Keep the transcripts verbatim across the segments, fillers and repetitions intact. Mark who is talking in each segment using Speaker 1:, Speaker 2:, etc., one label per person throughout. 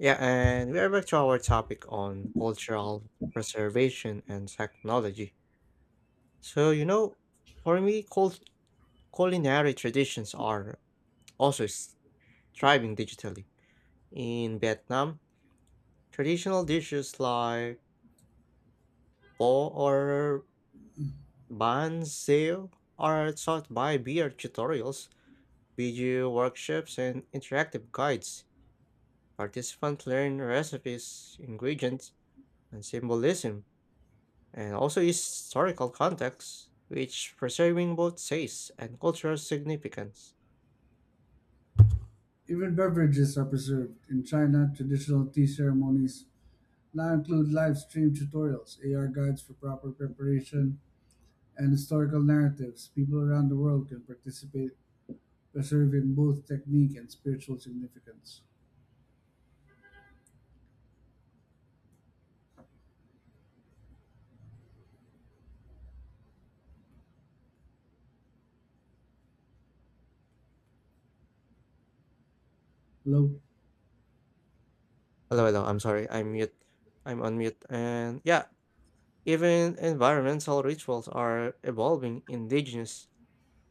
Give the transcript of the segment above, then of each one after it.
Speaker 1: Yeah, and we are back to our topic on cultural preservation and technology. So, you know, for me, cul- culinary traditions are also s- thriving digitally. In Vietnam, traditional dishes like pho or banh xeo are taught by beer tutorials, video workshops, and interactive guides. Participants learn recipes, ingredients, and symbolism and also historical context, which preserving both taste and cultural significance.
Speaker 2: Even beverages are preserved. In China, traditional tea ceremonies now include live stream tutorials, A R guides for proper preparation, and historical narratives. People around the world can participate, preserving both technique and spiritual significance. Low
Speaker 1: Hello, hello, I'm sorry, I'm mute. I'm on mute. And yeah, even environmental rituals are evolving indigenous.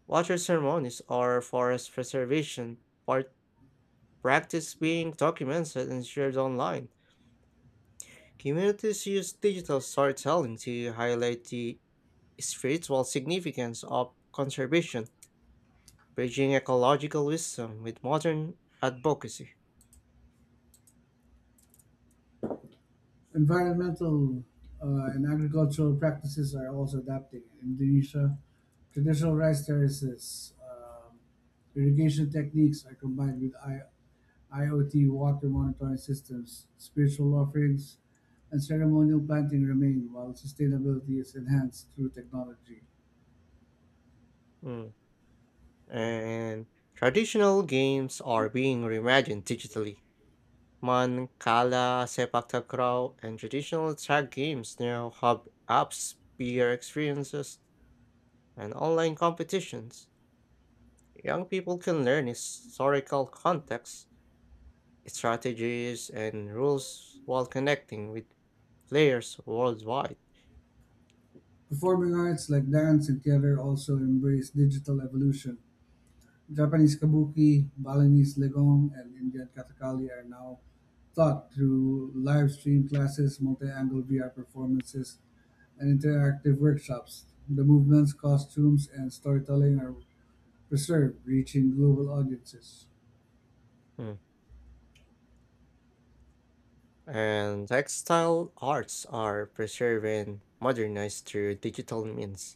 Speaker 1: Water ceremonies or forest preservation part practice being documented and shared online. Communities use digital storytelling to highlight the spiritual significance of conservation bridging ecological wisdom with modern advocacy.
Speaker 2: environmental uh, and agricultural practices are also adapting. In Indonesia, traditional rice terraces, um, irrigation techniques are combined with I- IoT water monitoring systems, spiritual offerings, and ceremonial planting remain while sustainability is enhanced through technology.
Speaker 1: Mm. And traditional games are being reimagined digitally. Man, Kala, Sepak Takraw, and traditional tag games now have apps, peer experiences, and online competitions. Young people can learn historical context, strategies, and rules while connecting with players worldwide.
Speaker 2: Performing arts like dance and theater also embrace digital evolution. Japanese kabuki, Balinese legong, and Indian kathakali are now taught through live stream classes, multi-angle V R performances, and interactive workshops. The movements, costumes, and storytelling are preserved, reaching global audiences.
Speaker 1: Mm. And textile arts are preserved and modernized through digital means.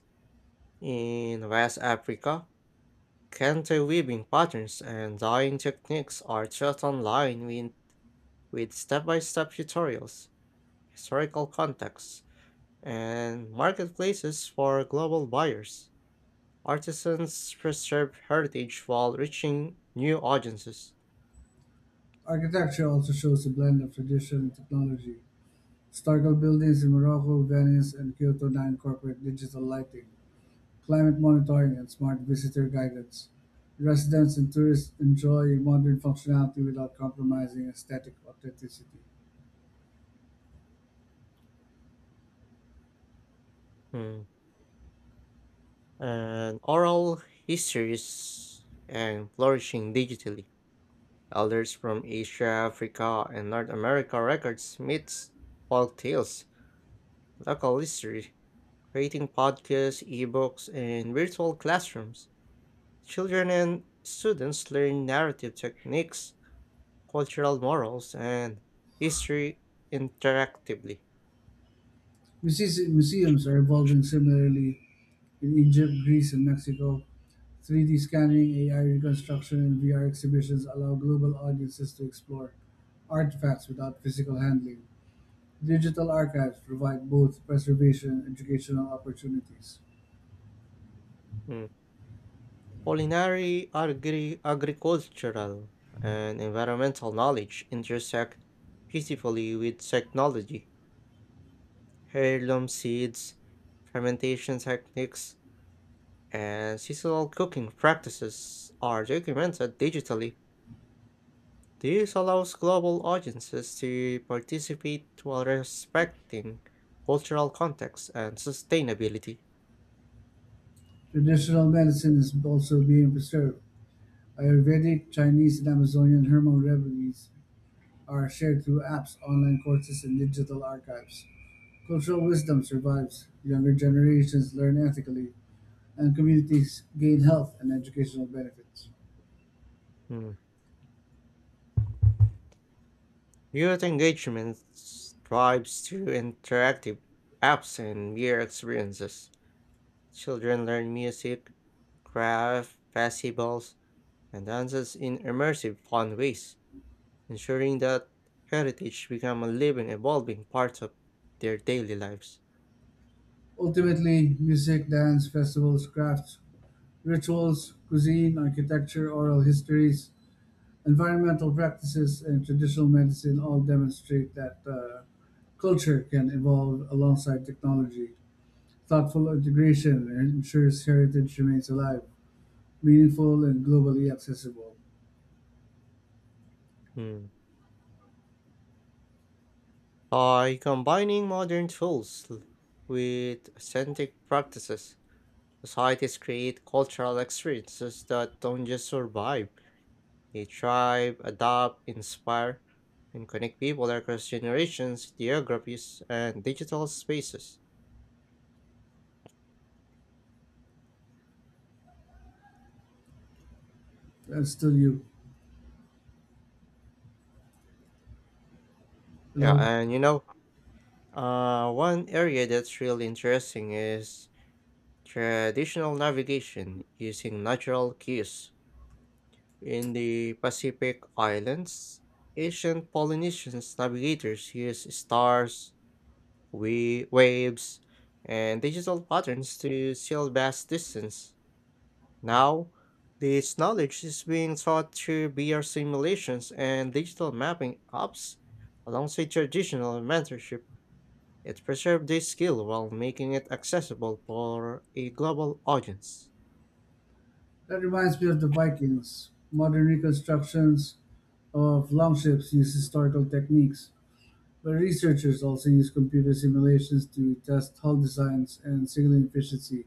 Speaker 1: In West Africa, kente weaving patterns and dyeing techniques are taught online with, with step-by-step tutorials, historical contexts, and marketplaces for global buyers. Artisans preserve heritage while reaching new audiences.
Speaker 2: Architecture also shows a blend of tradition and technology. Historical buildings in Morocco, Venice, and Kyoto now incorporate digital lighting, climate monitoring, and smart visitor guidance. Residents and tourists enjoy modern functionality without compromising aesthetic authenticity.
Speaker 1: Hmm. And oral histories and flourishing digitally. Elders from Asia, Africa, and North America records myths, folk tales, local history, creating podcasts, ebooks, and virtual classrooms. Children and students learn narrative techniques, cultural morals, and history interactively.
Speaker 2: Muse- Museums are evolving similarly in Egypt, Greece, and Mexico. three D scanning, A I reconstruction, and V R exhibitions allow global audiences to explore artifacts without physical handling. Digital archives provide both preservation and educational opportunities.
Speaker 1: Mm. Culinary, agri- agricultural, and environmental knowledge intersect peacefully with technology heirloom seeds, fermentation techniques, and seasonal cooking practices are documented digitally. This allows global audiences to participate while respecting cultural context and sustainability.
Speaker 2: Traditional medicine is also being preserved. Ayurvedic, Chinese, and Amazonian herbal remedies are shared through apps, online courses, and digital archives. Cultural wisdom survives. Younger generations learn ethically, and communities gain health and educational benefits.
Speaker 1: Hmm. Youth engagement thrives through interactive apps and mere experiences. Children learn music, craft, festivals, and dances in immersive, fun ways, ensuring that heritage become a living, evolving part of their daily lives.
Speaker 2: Ultimately, music, dance, festivals, crafts, rituals, cuisine, architecture, oral histories, environmental practices and traditional medicine all demonstrate that uh, culture can evolve alongside technology. Thoughtful integration ensures heritage remains alive, meaningful, and globally accessible.
Speaker 1: Hmm. By combining modern tools l- with authentic practices, societies create cultural experiences that don't just survive, they thrive, adapt, inspire, and connect people across generations, geographies, and digital spaces.
Speaker 2: That's still you.
Speaker 1: Yeah,
Speaker 2: Hello?
Speaker 1: and you know, uh, one area that's really interesting is traditional navigation using natural cues in the Pacific Islands. Ancient Polynesian navigators used stars, we- waves, and digital patterns to sail vast distance. Now, this knowledge is being taught through V R simulations and digital mapping apps alongside traditional mentorship. It preserves this skill while making it accessible for a global audience.
Speaker 2: That reminds me of the Vikings. Modern reconstructions of longships use historical techniques, but researchers also use computer simulations to test hull designs and signaling efficiency.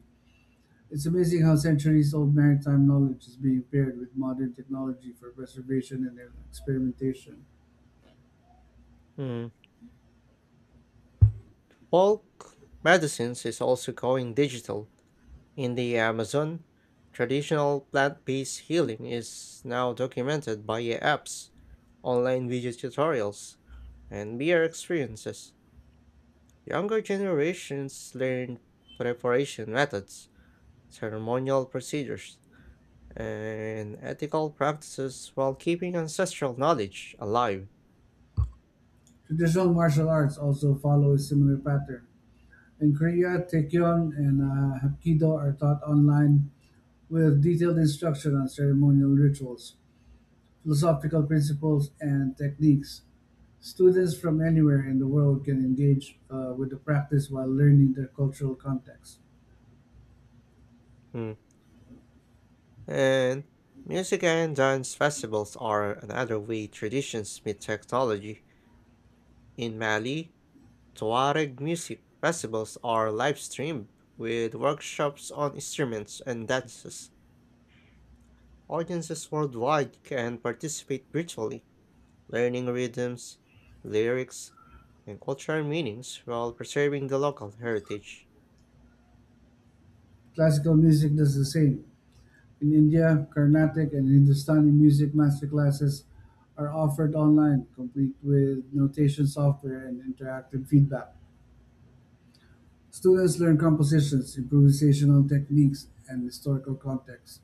Speaker 2: It's amazing how centuries old maritime knowledge is being paired with modern technology for preservation and experimentation.
Speaker 1: Hmm. Bulk medicines is also going digital. In the Amazon, traditional plant based healing is now documented by apps, online video tutorials, and V R experiences. Younger generations learn preparation methods, ceremonial procedures, and ethical practices while keeping ancestral knowledge alive.
Speaker 2: Traditional martial arts also follow a similar pattern. In Korea, Taekyon and uh, Hapkido are taught online with detailed instruction on ceremonial rituals, philosophical principles, and techniques. Students from anywhere in the world can engage uh, with the practice while learning their cultural context.
Speaker 1: Hmm. And music and dance festivals are another way traditions meet technology. In Mali, Tuareg music festivals are live streamed with workshops on instruments and dances. Audiences worldwide can participate virtually, learning rhythms, lyrics, and cultural meanings while preserving the local heritage.
Speaker 2: Classical music does the same. In India, Carnatic and Hindustani music masterclasses are offered online, complete with notation software and interactive feedback. Students learn compositions, improvisational techniques, and historical context,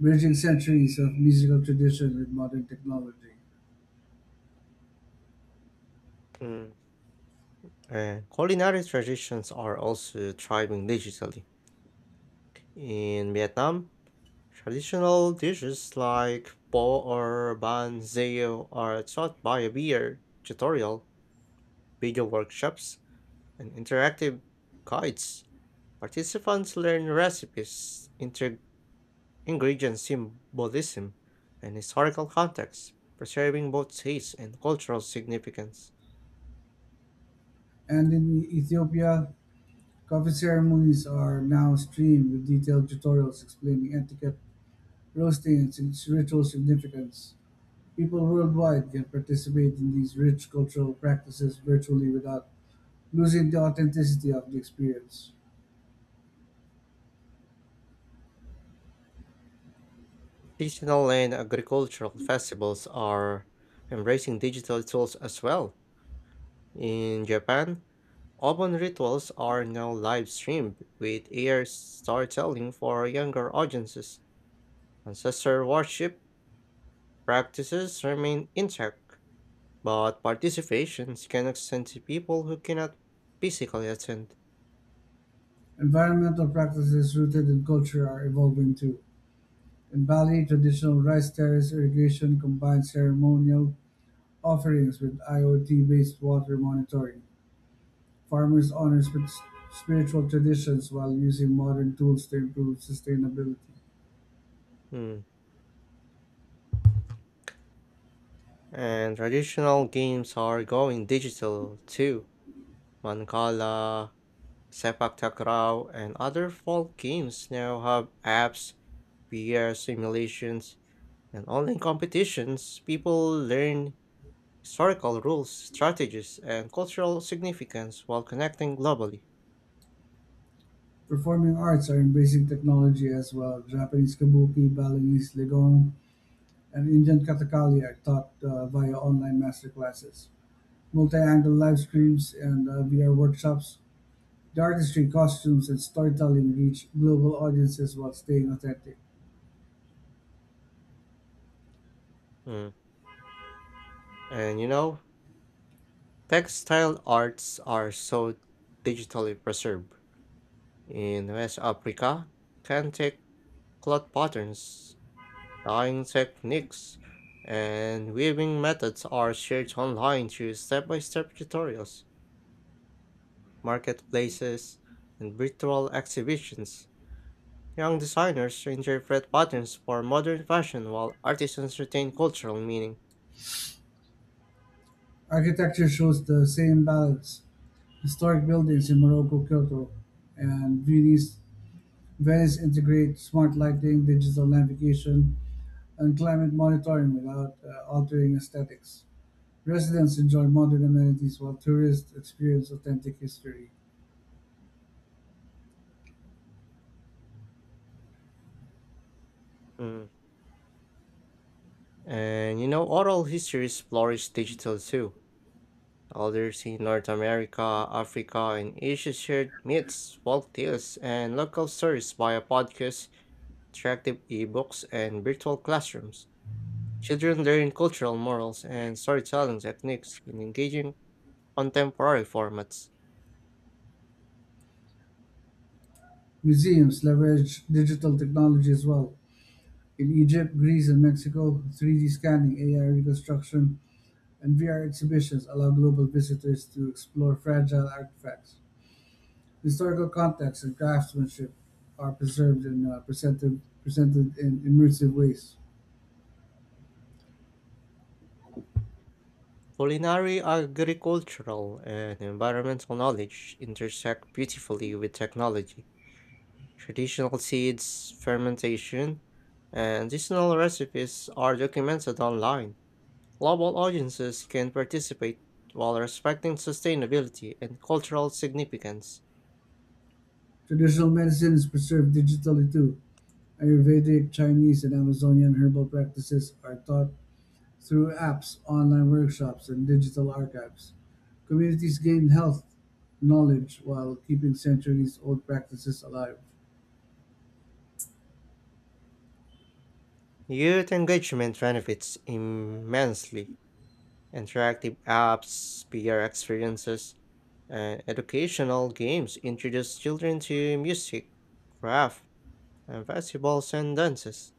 Speaker 2: bridging centuries of musical tradition with modern technology.
Speaker 1: Mm. And culinary traditions are also thriving digitally. In Vietnam, traditional dishes like bo or banzeo are taught by a beer tutorial, video workshops, and interactive guides. Participants learn recipes, inter- ingredient symbolism, and historical context, preserving both taste and cultural significance.
Speaker 2: And in Ethiopia, coffee ceremonies are now streamed with detailed tutorials explaining etiquette, roasting, and its ritual significance. People worldwide can participate in these rich cultural practices virtually without losing the authenticity of the experience.
Speaker 1: Seasonal and agricultural festivals are embracing digital tools as well. In Japan, Open rituals are now live streamed with A I storytelling for younger audiences. Ancestor worship practices remain intact, but participations can extend to people who cannot physically attend.
Speaker 2: Environmental practices rooted in culture are evolving too. In Bali, traditional rice terrace irrigation combines ceremonial offerings with IoT based water monitoring. Farmers honor sp- spiritual traditions while using modern tools to improve sustainability.
Speaker 1: Hmm. And traditional games are going digital too. Mancala, Sepak Takraw, and other folk games now have apps, V R simulations, and online competitions. People learn historical rules, strategies, and cultural significance while connecting globally.
Speaker 2: Performing arts are embracing technology as well. Japanese kabuki, Balinese legong, and Indian Kathakalia taught uh, via online master classes, multi-angle live streams, and uh, V R workshops. The artistry, costumes, and storytelling reach global audiences while staying authentic.
Speaker 1: Mm. And you know, textile arts are so digitally preserved. In West Africa, Kantek cloth patterns, dyeing techniques, and weaving methods are shared online through step by step tutorials, marketplaces, and virtual exhibitions. Young designers interpret patterns for modern fashion while artisans retain cultural meaning.
Speaker 2: Architecture shows the same balance. Historic buildings in Morocco, Kyoto, and Venice, Venice integrate smart lighting, digital navigation, and climate monitoring without uh, altering aesthetics. Residents enjoy modern amenities while tourists experience authentic history.
Speaker 1: Mm. And you know, oral histories flourish digital too. Elders in North America, Africa, and Asia shared myths, folk tales, and local stories via podcasts, interactive ebooks, and virtual classrooms. Children learn cultural morals and storytelling techniques in engaging contemporary formats.
Speaker 2: Museums leverage digital technology as well. In Egypt, Greece and Mexico, three D scanning, A I reconstruction, and V R exhibitions allow global visitors to explore fragile artifacts. Historical context and craftsmanship are preserved and uh, presented, presented in immersive ways.
Speaker 1: Culinary, agricultural, and environmental knowledge intersect beautifully with technology. Traditional seeds, fermentation, and seasonal recipes are documented online. Global audiences can participate while respecting sustainability and cultural significance.
Speaker 2: Traditional medicine is preserved digitally too. Ayurvedic, Chinese, and Amazonian herbal practices are taught through apps, online workshops, and digital archives. Communities gain health knowledge while keeping centuries old practices alive.
Speaker 1: Youth engagement benefits immensely. Interactive apps, peer experiences, and educational games introduce children to music, craft, and festivals and dances.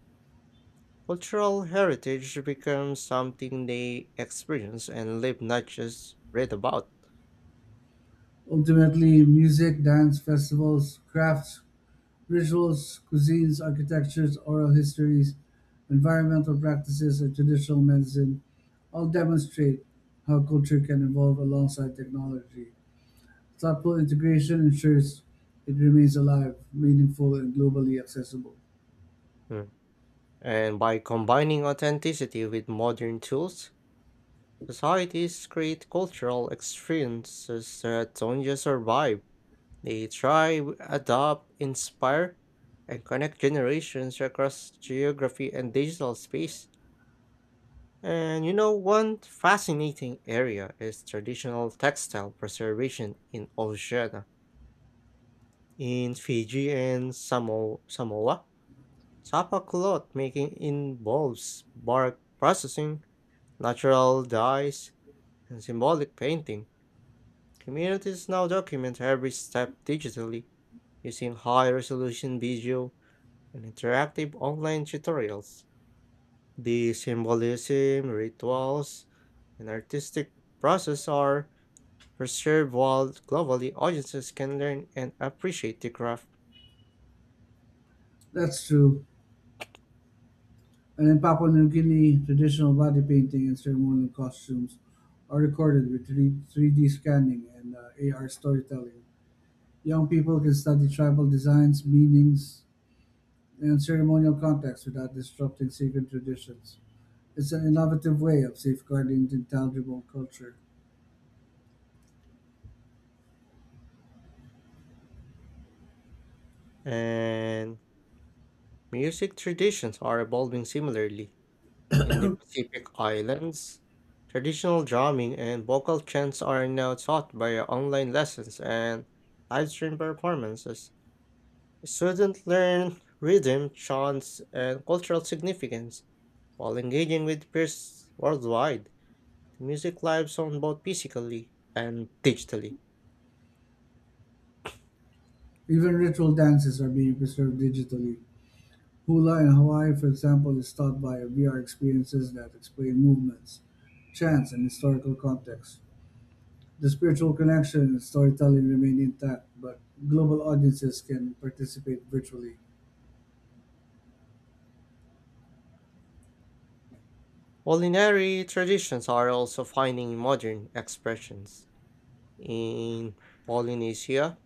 Speaker 1: Cultural heritage becomes something they experience and live, not just read about.
Speaker 2: Ultimately, music, dance, festivals, crafts, rituals, cuisines, architectures, oral histories, environmental practices, and traditional medicine all demonstrate how culture can evolve alongside technology. Thoughtful integration ensures it remains alive, meaningful, and globally accessible.
Speaker 1: Mm. And by combining authenticity with modern tools, societies create cultural experiences that don't just survive, they thrive, adapt, inspire, and connect generations across geography and digital space. And you know, one fascinating area is traditional textile preservation in Oceania. In Fiji and Samo Samoa, tapa cloth making involves bark processing, natural dyes, and symbolic painting. Communities now document every step digitally using high resolution video and interactive online tutorials. The symbolism, rituals, and artistic process are preserved while globally audiences can learn and appreciate the craft.
Speaker 2: That's true. And in Papua New Guinea, traditional body painting and ceremonial costumes are recorded with 3, three D scanning and uh, A R storytelling. Young people can study tribal designs, meanings, and ceremonial contexts without disrupting sacred traditions. It's an innovative way of safeguarding intangible culture.
Speaker 1: And music traditions are evolving similarly. In the Pacific Islands, traditional drumming and vocal chants are now taught via online lessons and live livestream performances. Students learn rhythm, chants, and cultural significance while engaging with peers worldwide. The music lives on both physically and digitally.
Speaker 2: Even ritual dances are being preserved digitally. Hula in Hawaii, for example, is taught by V R experiences that explain movements, chants, and historical context. The spiritual connection and storytelling remain intact, but global audiences can participate virtually.
Speaker 1: Culinary traditions are also finding modern expressions. In Polynesia,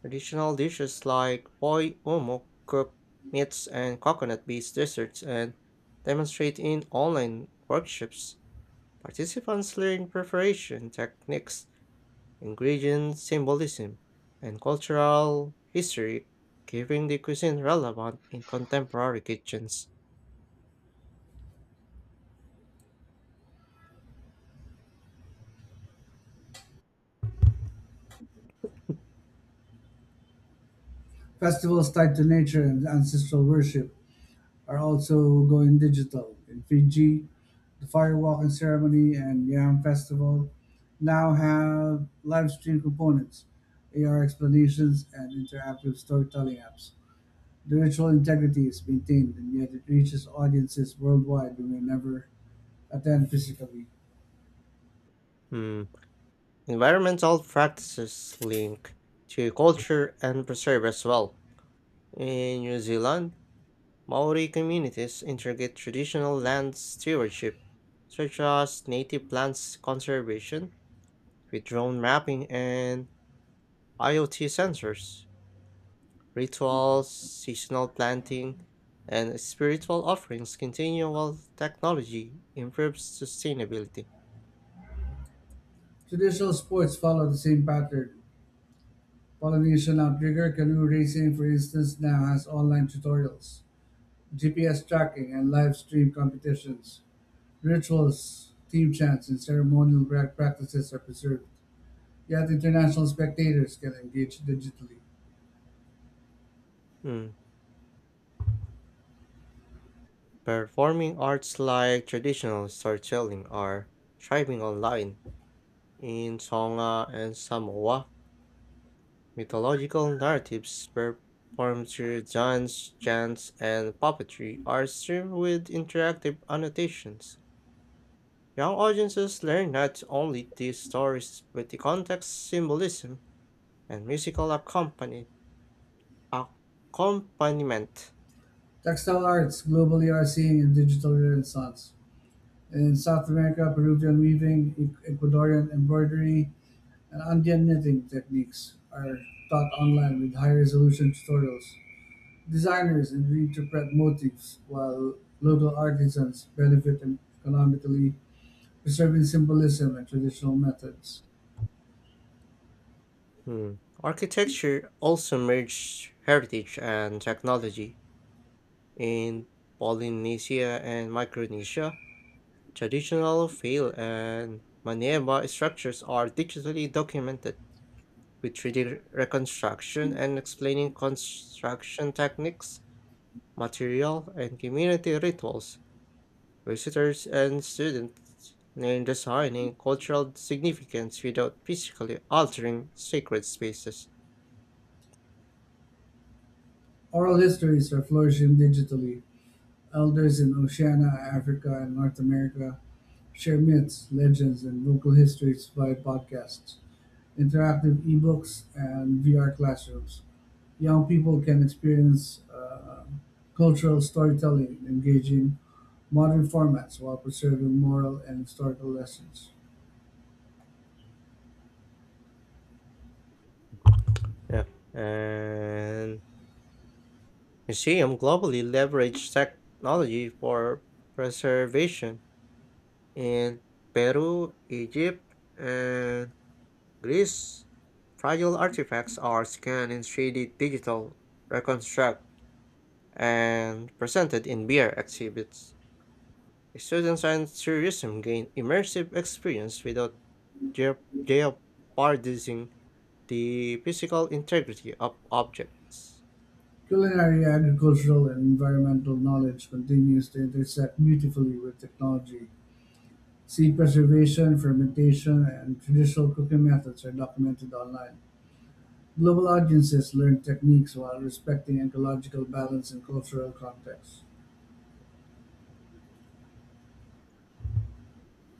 Speaker 1: traditional dishes like poi umo, cooked meats and coconut-based desserts, and demonstrate in online workshops. Participants learn preparation techniques, ingredient symbolism, and cultural history, keeping the cuisine relevant in contemporary kitchens.
Speaker 2: Festivals tied to nature and ancestral worship are also going digital. In Fiji, the firewalking ceremony and Yam Festival now have live stream components, A R explanations, and interactive storytelling apps. The ritual integrity is maintained, and yet it reaches audiences worldwide who may never attend physically.
Speaker 1: Hmm. Environmental practices link to culture and preserve as well. In New Zealand, Maori communities integrate traditional land stewardship, such as native plants conservation with drone mapping and IoT sensors. Rituals, seasonal planting, and spiritual offerings continue while technology improves sustainability.
Speaker 2: Traditional sports follow the same pattern. Pollination outrigger canoe racing, for instance, now has online tutorials, G P S tracking, and live stream competitions. Rituals, team chants, and ceremonial pra- practices are preserved, yet international spectators can engage digitally.
Speaker 1: Mm. Performing arts like traditional storytelling are thriving online in Tonga and Samoa. Mythological narratives performed through dance, chants, and puppetry are served with interactive annotations. Young audiences learn not only these stories but the context, symbolism, and musical accompany- accompaniment.
Speaker 2: Textile arts globally are seeing a digital renaissance. In South America, Peruvian weaving, E- Ecuadorian embroidery, and Andean knitting techniques are taught online with high resolution tutorials. Designers and reinterpret motifs, while local artisans benefit economically, preserving symbolism and traditional methods.
Speaker 1: Hmm. Architecture also merged heritage and technology in Polynesia and Micronesia. Traditional field and maneva structures are digitally documented with three D reconstruction and explaining construction techniques, material, and community rituals. Visitors and students learn design and cultural significance without physically altering sacred spaces.
Speaker 2: Oral histories are flourishing digitally. Elders in Oceania, Africa, and North America share myths, legends, and local histories via podcasts, interactive ebooks, and V R classrooms. Young people can experience uh, cultural storytelling in engaging modern formats while preserving moral and historical lessons.
Speaker 1: Yeah. And museum globally leverage technology for preservation in Peru, Egypt, and Greece. Fragile artifacts are scanned in three D digital, reconstruct, and presented in V R exhibits. Students and tourism gain immersive experience without geo- jeopardizing the physical integrity of objects.
Speaker 2: Culinary, agricultural, and environmental knowledge continues to intersect beautifully with technology. Seed preservation, fermentation, and traditional cooking methods are documented online. Global audiences learn techniques while respecting ecological balance and cultural context.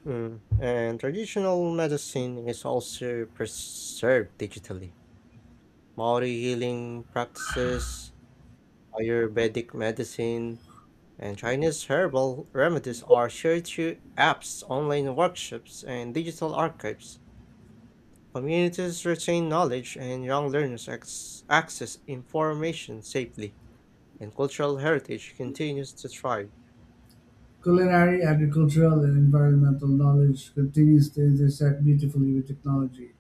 Speaker 1: Mm. And traditional medicine is also preserved digitally. Maori healing practices, Ayurvedic medicine, and Chinese herbal remedies are shared through apps, online workshops, and digital archives. Communities retain knowledge, and young learners ac- access information safely, and cultural heritage continues to thrive.
Speaker 2: Culinary, agricultural, and environmental knowledge continues to intersect beautifully with technology.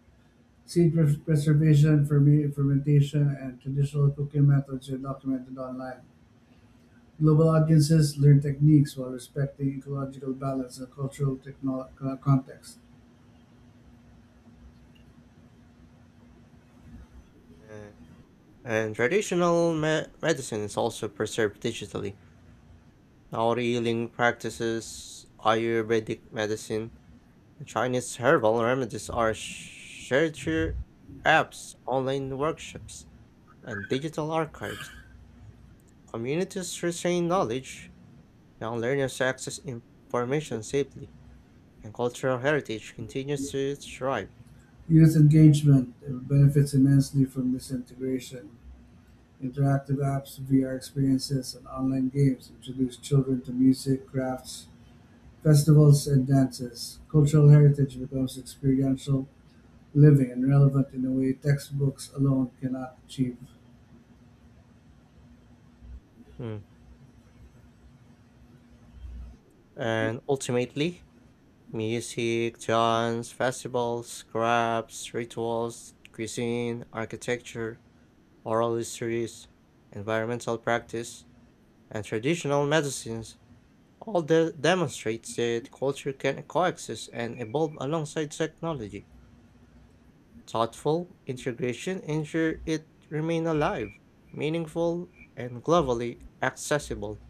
Speaker 2: Seed pres- preservation, ferme- fermentation, and traditional cooking methods are documented online. Global audiences learn techniques while respecting ecological balance and cultural techno- co- context.
Speaker 1: Uh, and traditional me- medicine is also preserved digitally. Now, healing practices, Ayurvedic medicine, Chinese herbal remedies are shared through apps, online workshops, and digital archives. Communities retain knowledge, young learners access information safely, and cultural heritage continues to thrive.
Speaker 2: Youth engagement uh, benefits immensely from this integration. Interactive apps, V R experiences, and online games introduce children to music, crafts, festivals, and dances. Cultural heritage becomes experiential, living, and relevant in a way textbooks alone cannot achieve.
Speaker 1: Mm. And ultimately, music, dance, festivals, crafts, rituals, cuisine, architecture, oral histories, environmental practice, and traditional medicines all that demonstrates that culture can coexist and evolve alongside technology. Thoughtful integration ensures it remain alive, meaningful, and globally accessible.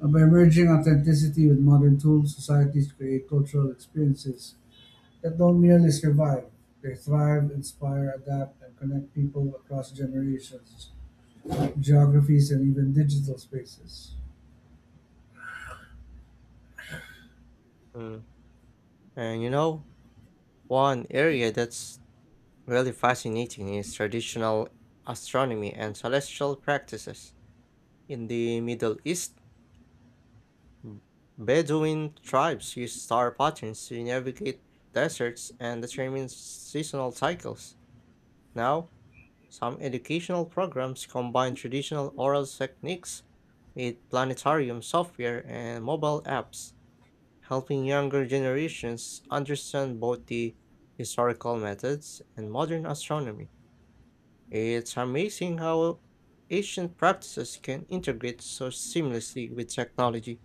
Speaker 2: And by merging authenticity with modern tools, societies create cultural experiences that don't merely survive, they thrive, inspire, adapt, and connect people across generations, geographies, and even digital spaces.
Speaker 1: Mm. And you know, one area that's really fascinating is traditional astronomy and celestial practices. In the Middle East, B- Bedouin tribes use star patterns to navigate deserts and determine seasonal cycles. Now, some educational programs combine traditional oral techniques with planetarium software and mobile apps, helping younger generations understand both the historical methods and modern astronomy. It's amazing how ancient practices can integrate so seamlessly with technology.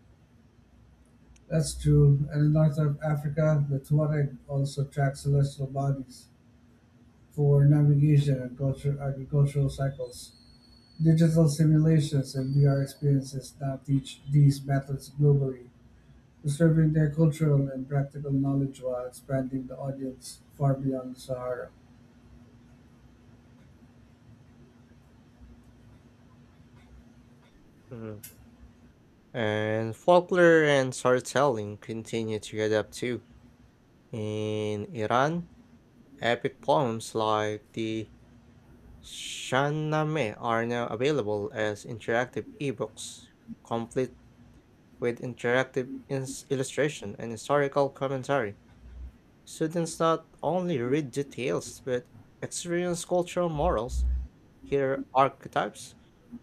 Speaker 2: That's true, and in North Af- Africa, the Tuareg also track celestial bodies for navigation and culture, agricultural cycles. Digital simulations and V R experiences now teach these methods globally, preserving their cultural and practical knowledge while expanding the audience far beyond the Sahara.
Speaker 1: Mm. And folklore and storytelling continue to adapt too. In Iran, epic poems like the Shahnameh are now available as interactive ebooks, complete with interactive ins- illustration and historical commentary. Students not only read details but experience cultural morals, hear archetypes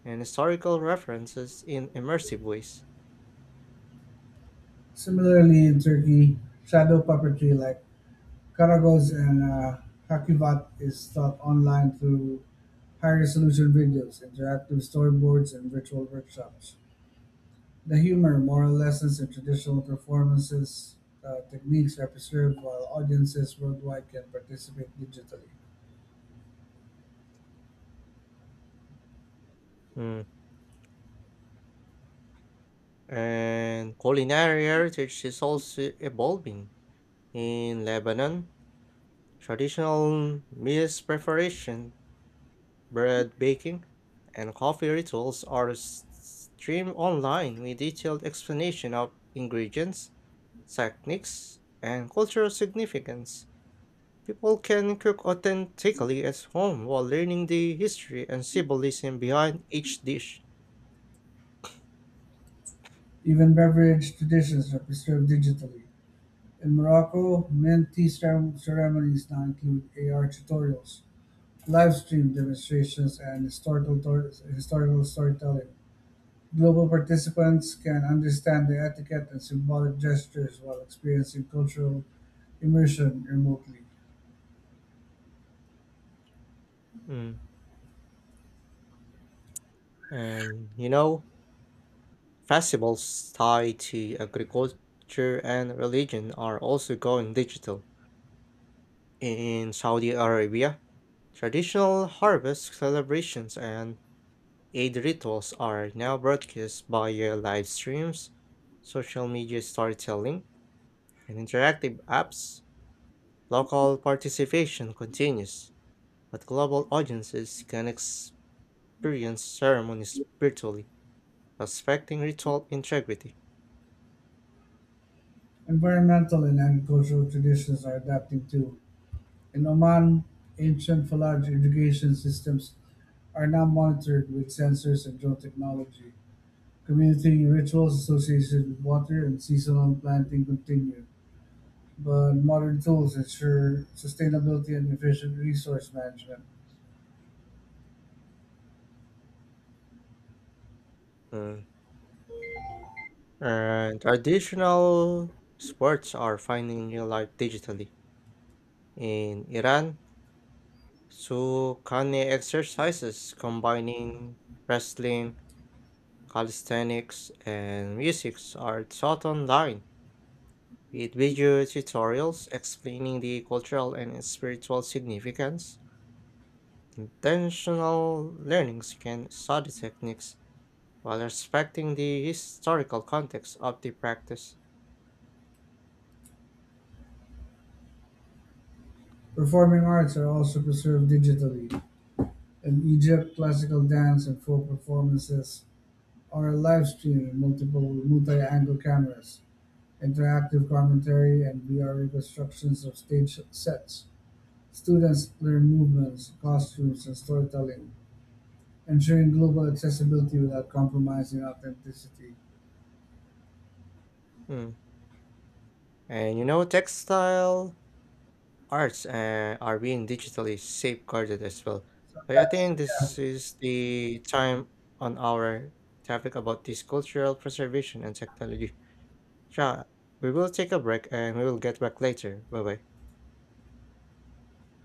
Speaker 1: and historical references in immersive ways.
Speaker 2: Similarly in Turkey, shadow puppetry like karagoz and uh, hakivat is taught online through high-resolution videos, interactive storyboards, and virtual workshops. The humor, moral lessons, and traditional performances uh, techniques are preserved while audiences worldwide can participate digitally.
Speaker 1: Mm. And culinary heritage is also evolving. In Lebanon, traditional meals preparation, bread baking, and coffee rituals are s- streamed online with detailed explanation of ingredients, techniques, and cultural significance. People can cook authentically at home while learning the history and symbolism behind each dish.
Speaker 2: Even beverage traditions are preserved digitally. In Morocco, mint tea ceremonies now include A R tutorials, live stream demonstrations, and historical, tor- historical storytelling. Global participants can understand the etiquette and symbolic gestures while experiencing cultural immersion remotely.
Speaker 1: Mm. And you know, festivals tied to agriculture and religion are also going digital. In Saudi Arabia, traditional harvest celebrations and Eid rituals are now broadcast via live streams, social media storytelling, and interactive apps. Local participation continues, but global audiences can experience ceremonies virtually, respecting ritual integrity.
Speaker 2: Environmental and agricultural traditions are adapting too. In Oman, ancient Falaj irrigation systems are now monitored with sensors and drone technology. Community rituals associated with water and seasonal planting continue, but modern tools ensure sustainability and efficient resource management.
Speaker 1: Mm. And traditional sports are finding real life digitally. In Iran, Sukhane exercises combining wrestling, calisthenics, and music are taught online with video tutorials explaining the cultural and spiritual significance. Intentional learnings can study techniques while respecting the historical context of the practice.
Speaker 2: Performing arts are also preserved digitally. In Egypt, classical dance and folk performances are live streamed in multiple multi-angle cameras, interactive commentary, and V R reconstructions of stage sets. Students learn movements, costumes, and storytelling, ensuring global accessibility without compromising authenticity.
Speaker 1: Mm. And you know, textile arts uh, are being digitally safeguarded as well. So I think this is the time on our topic about this cultural preservation and technology. Yeah, we will take a break and we will get back later. Bye bye.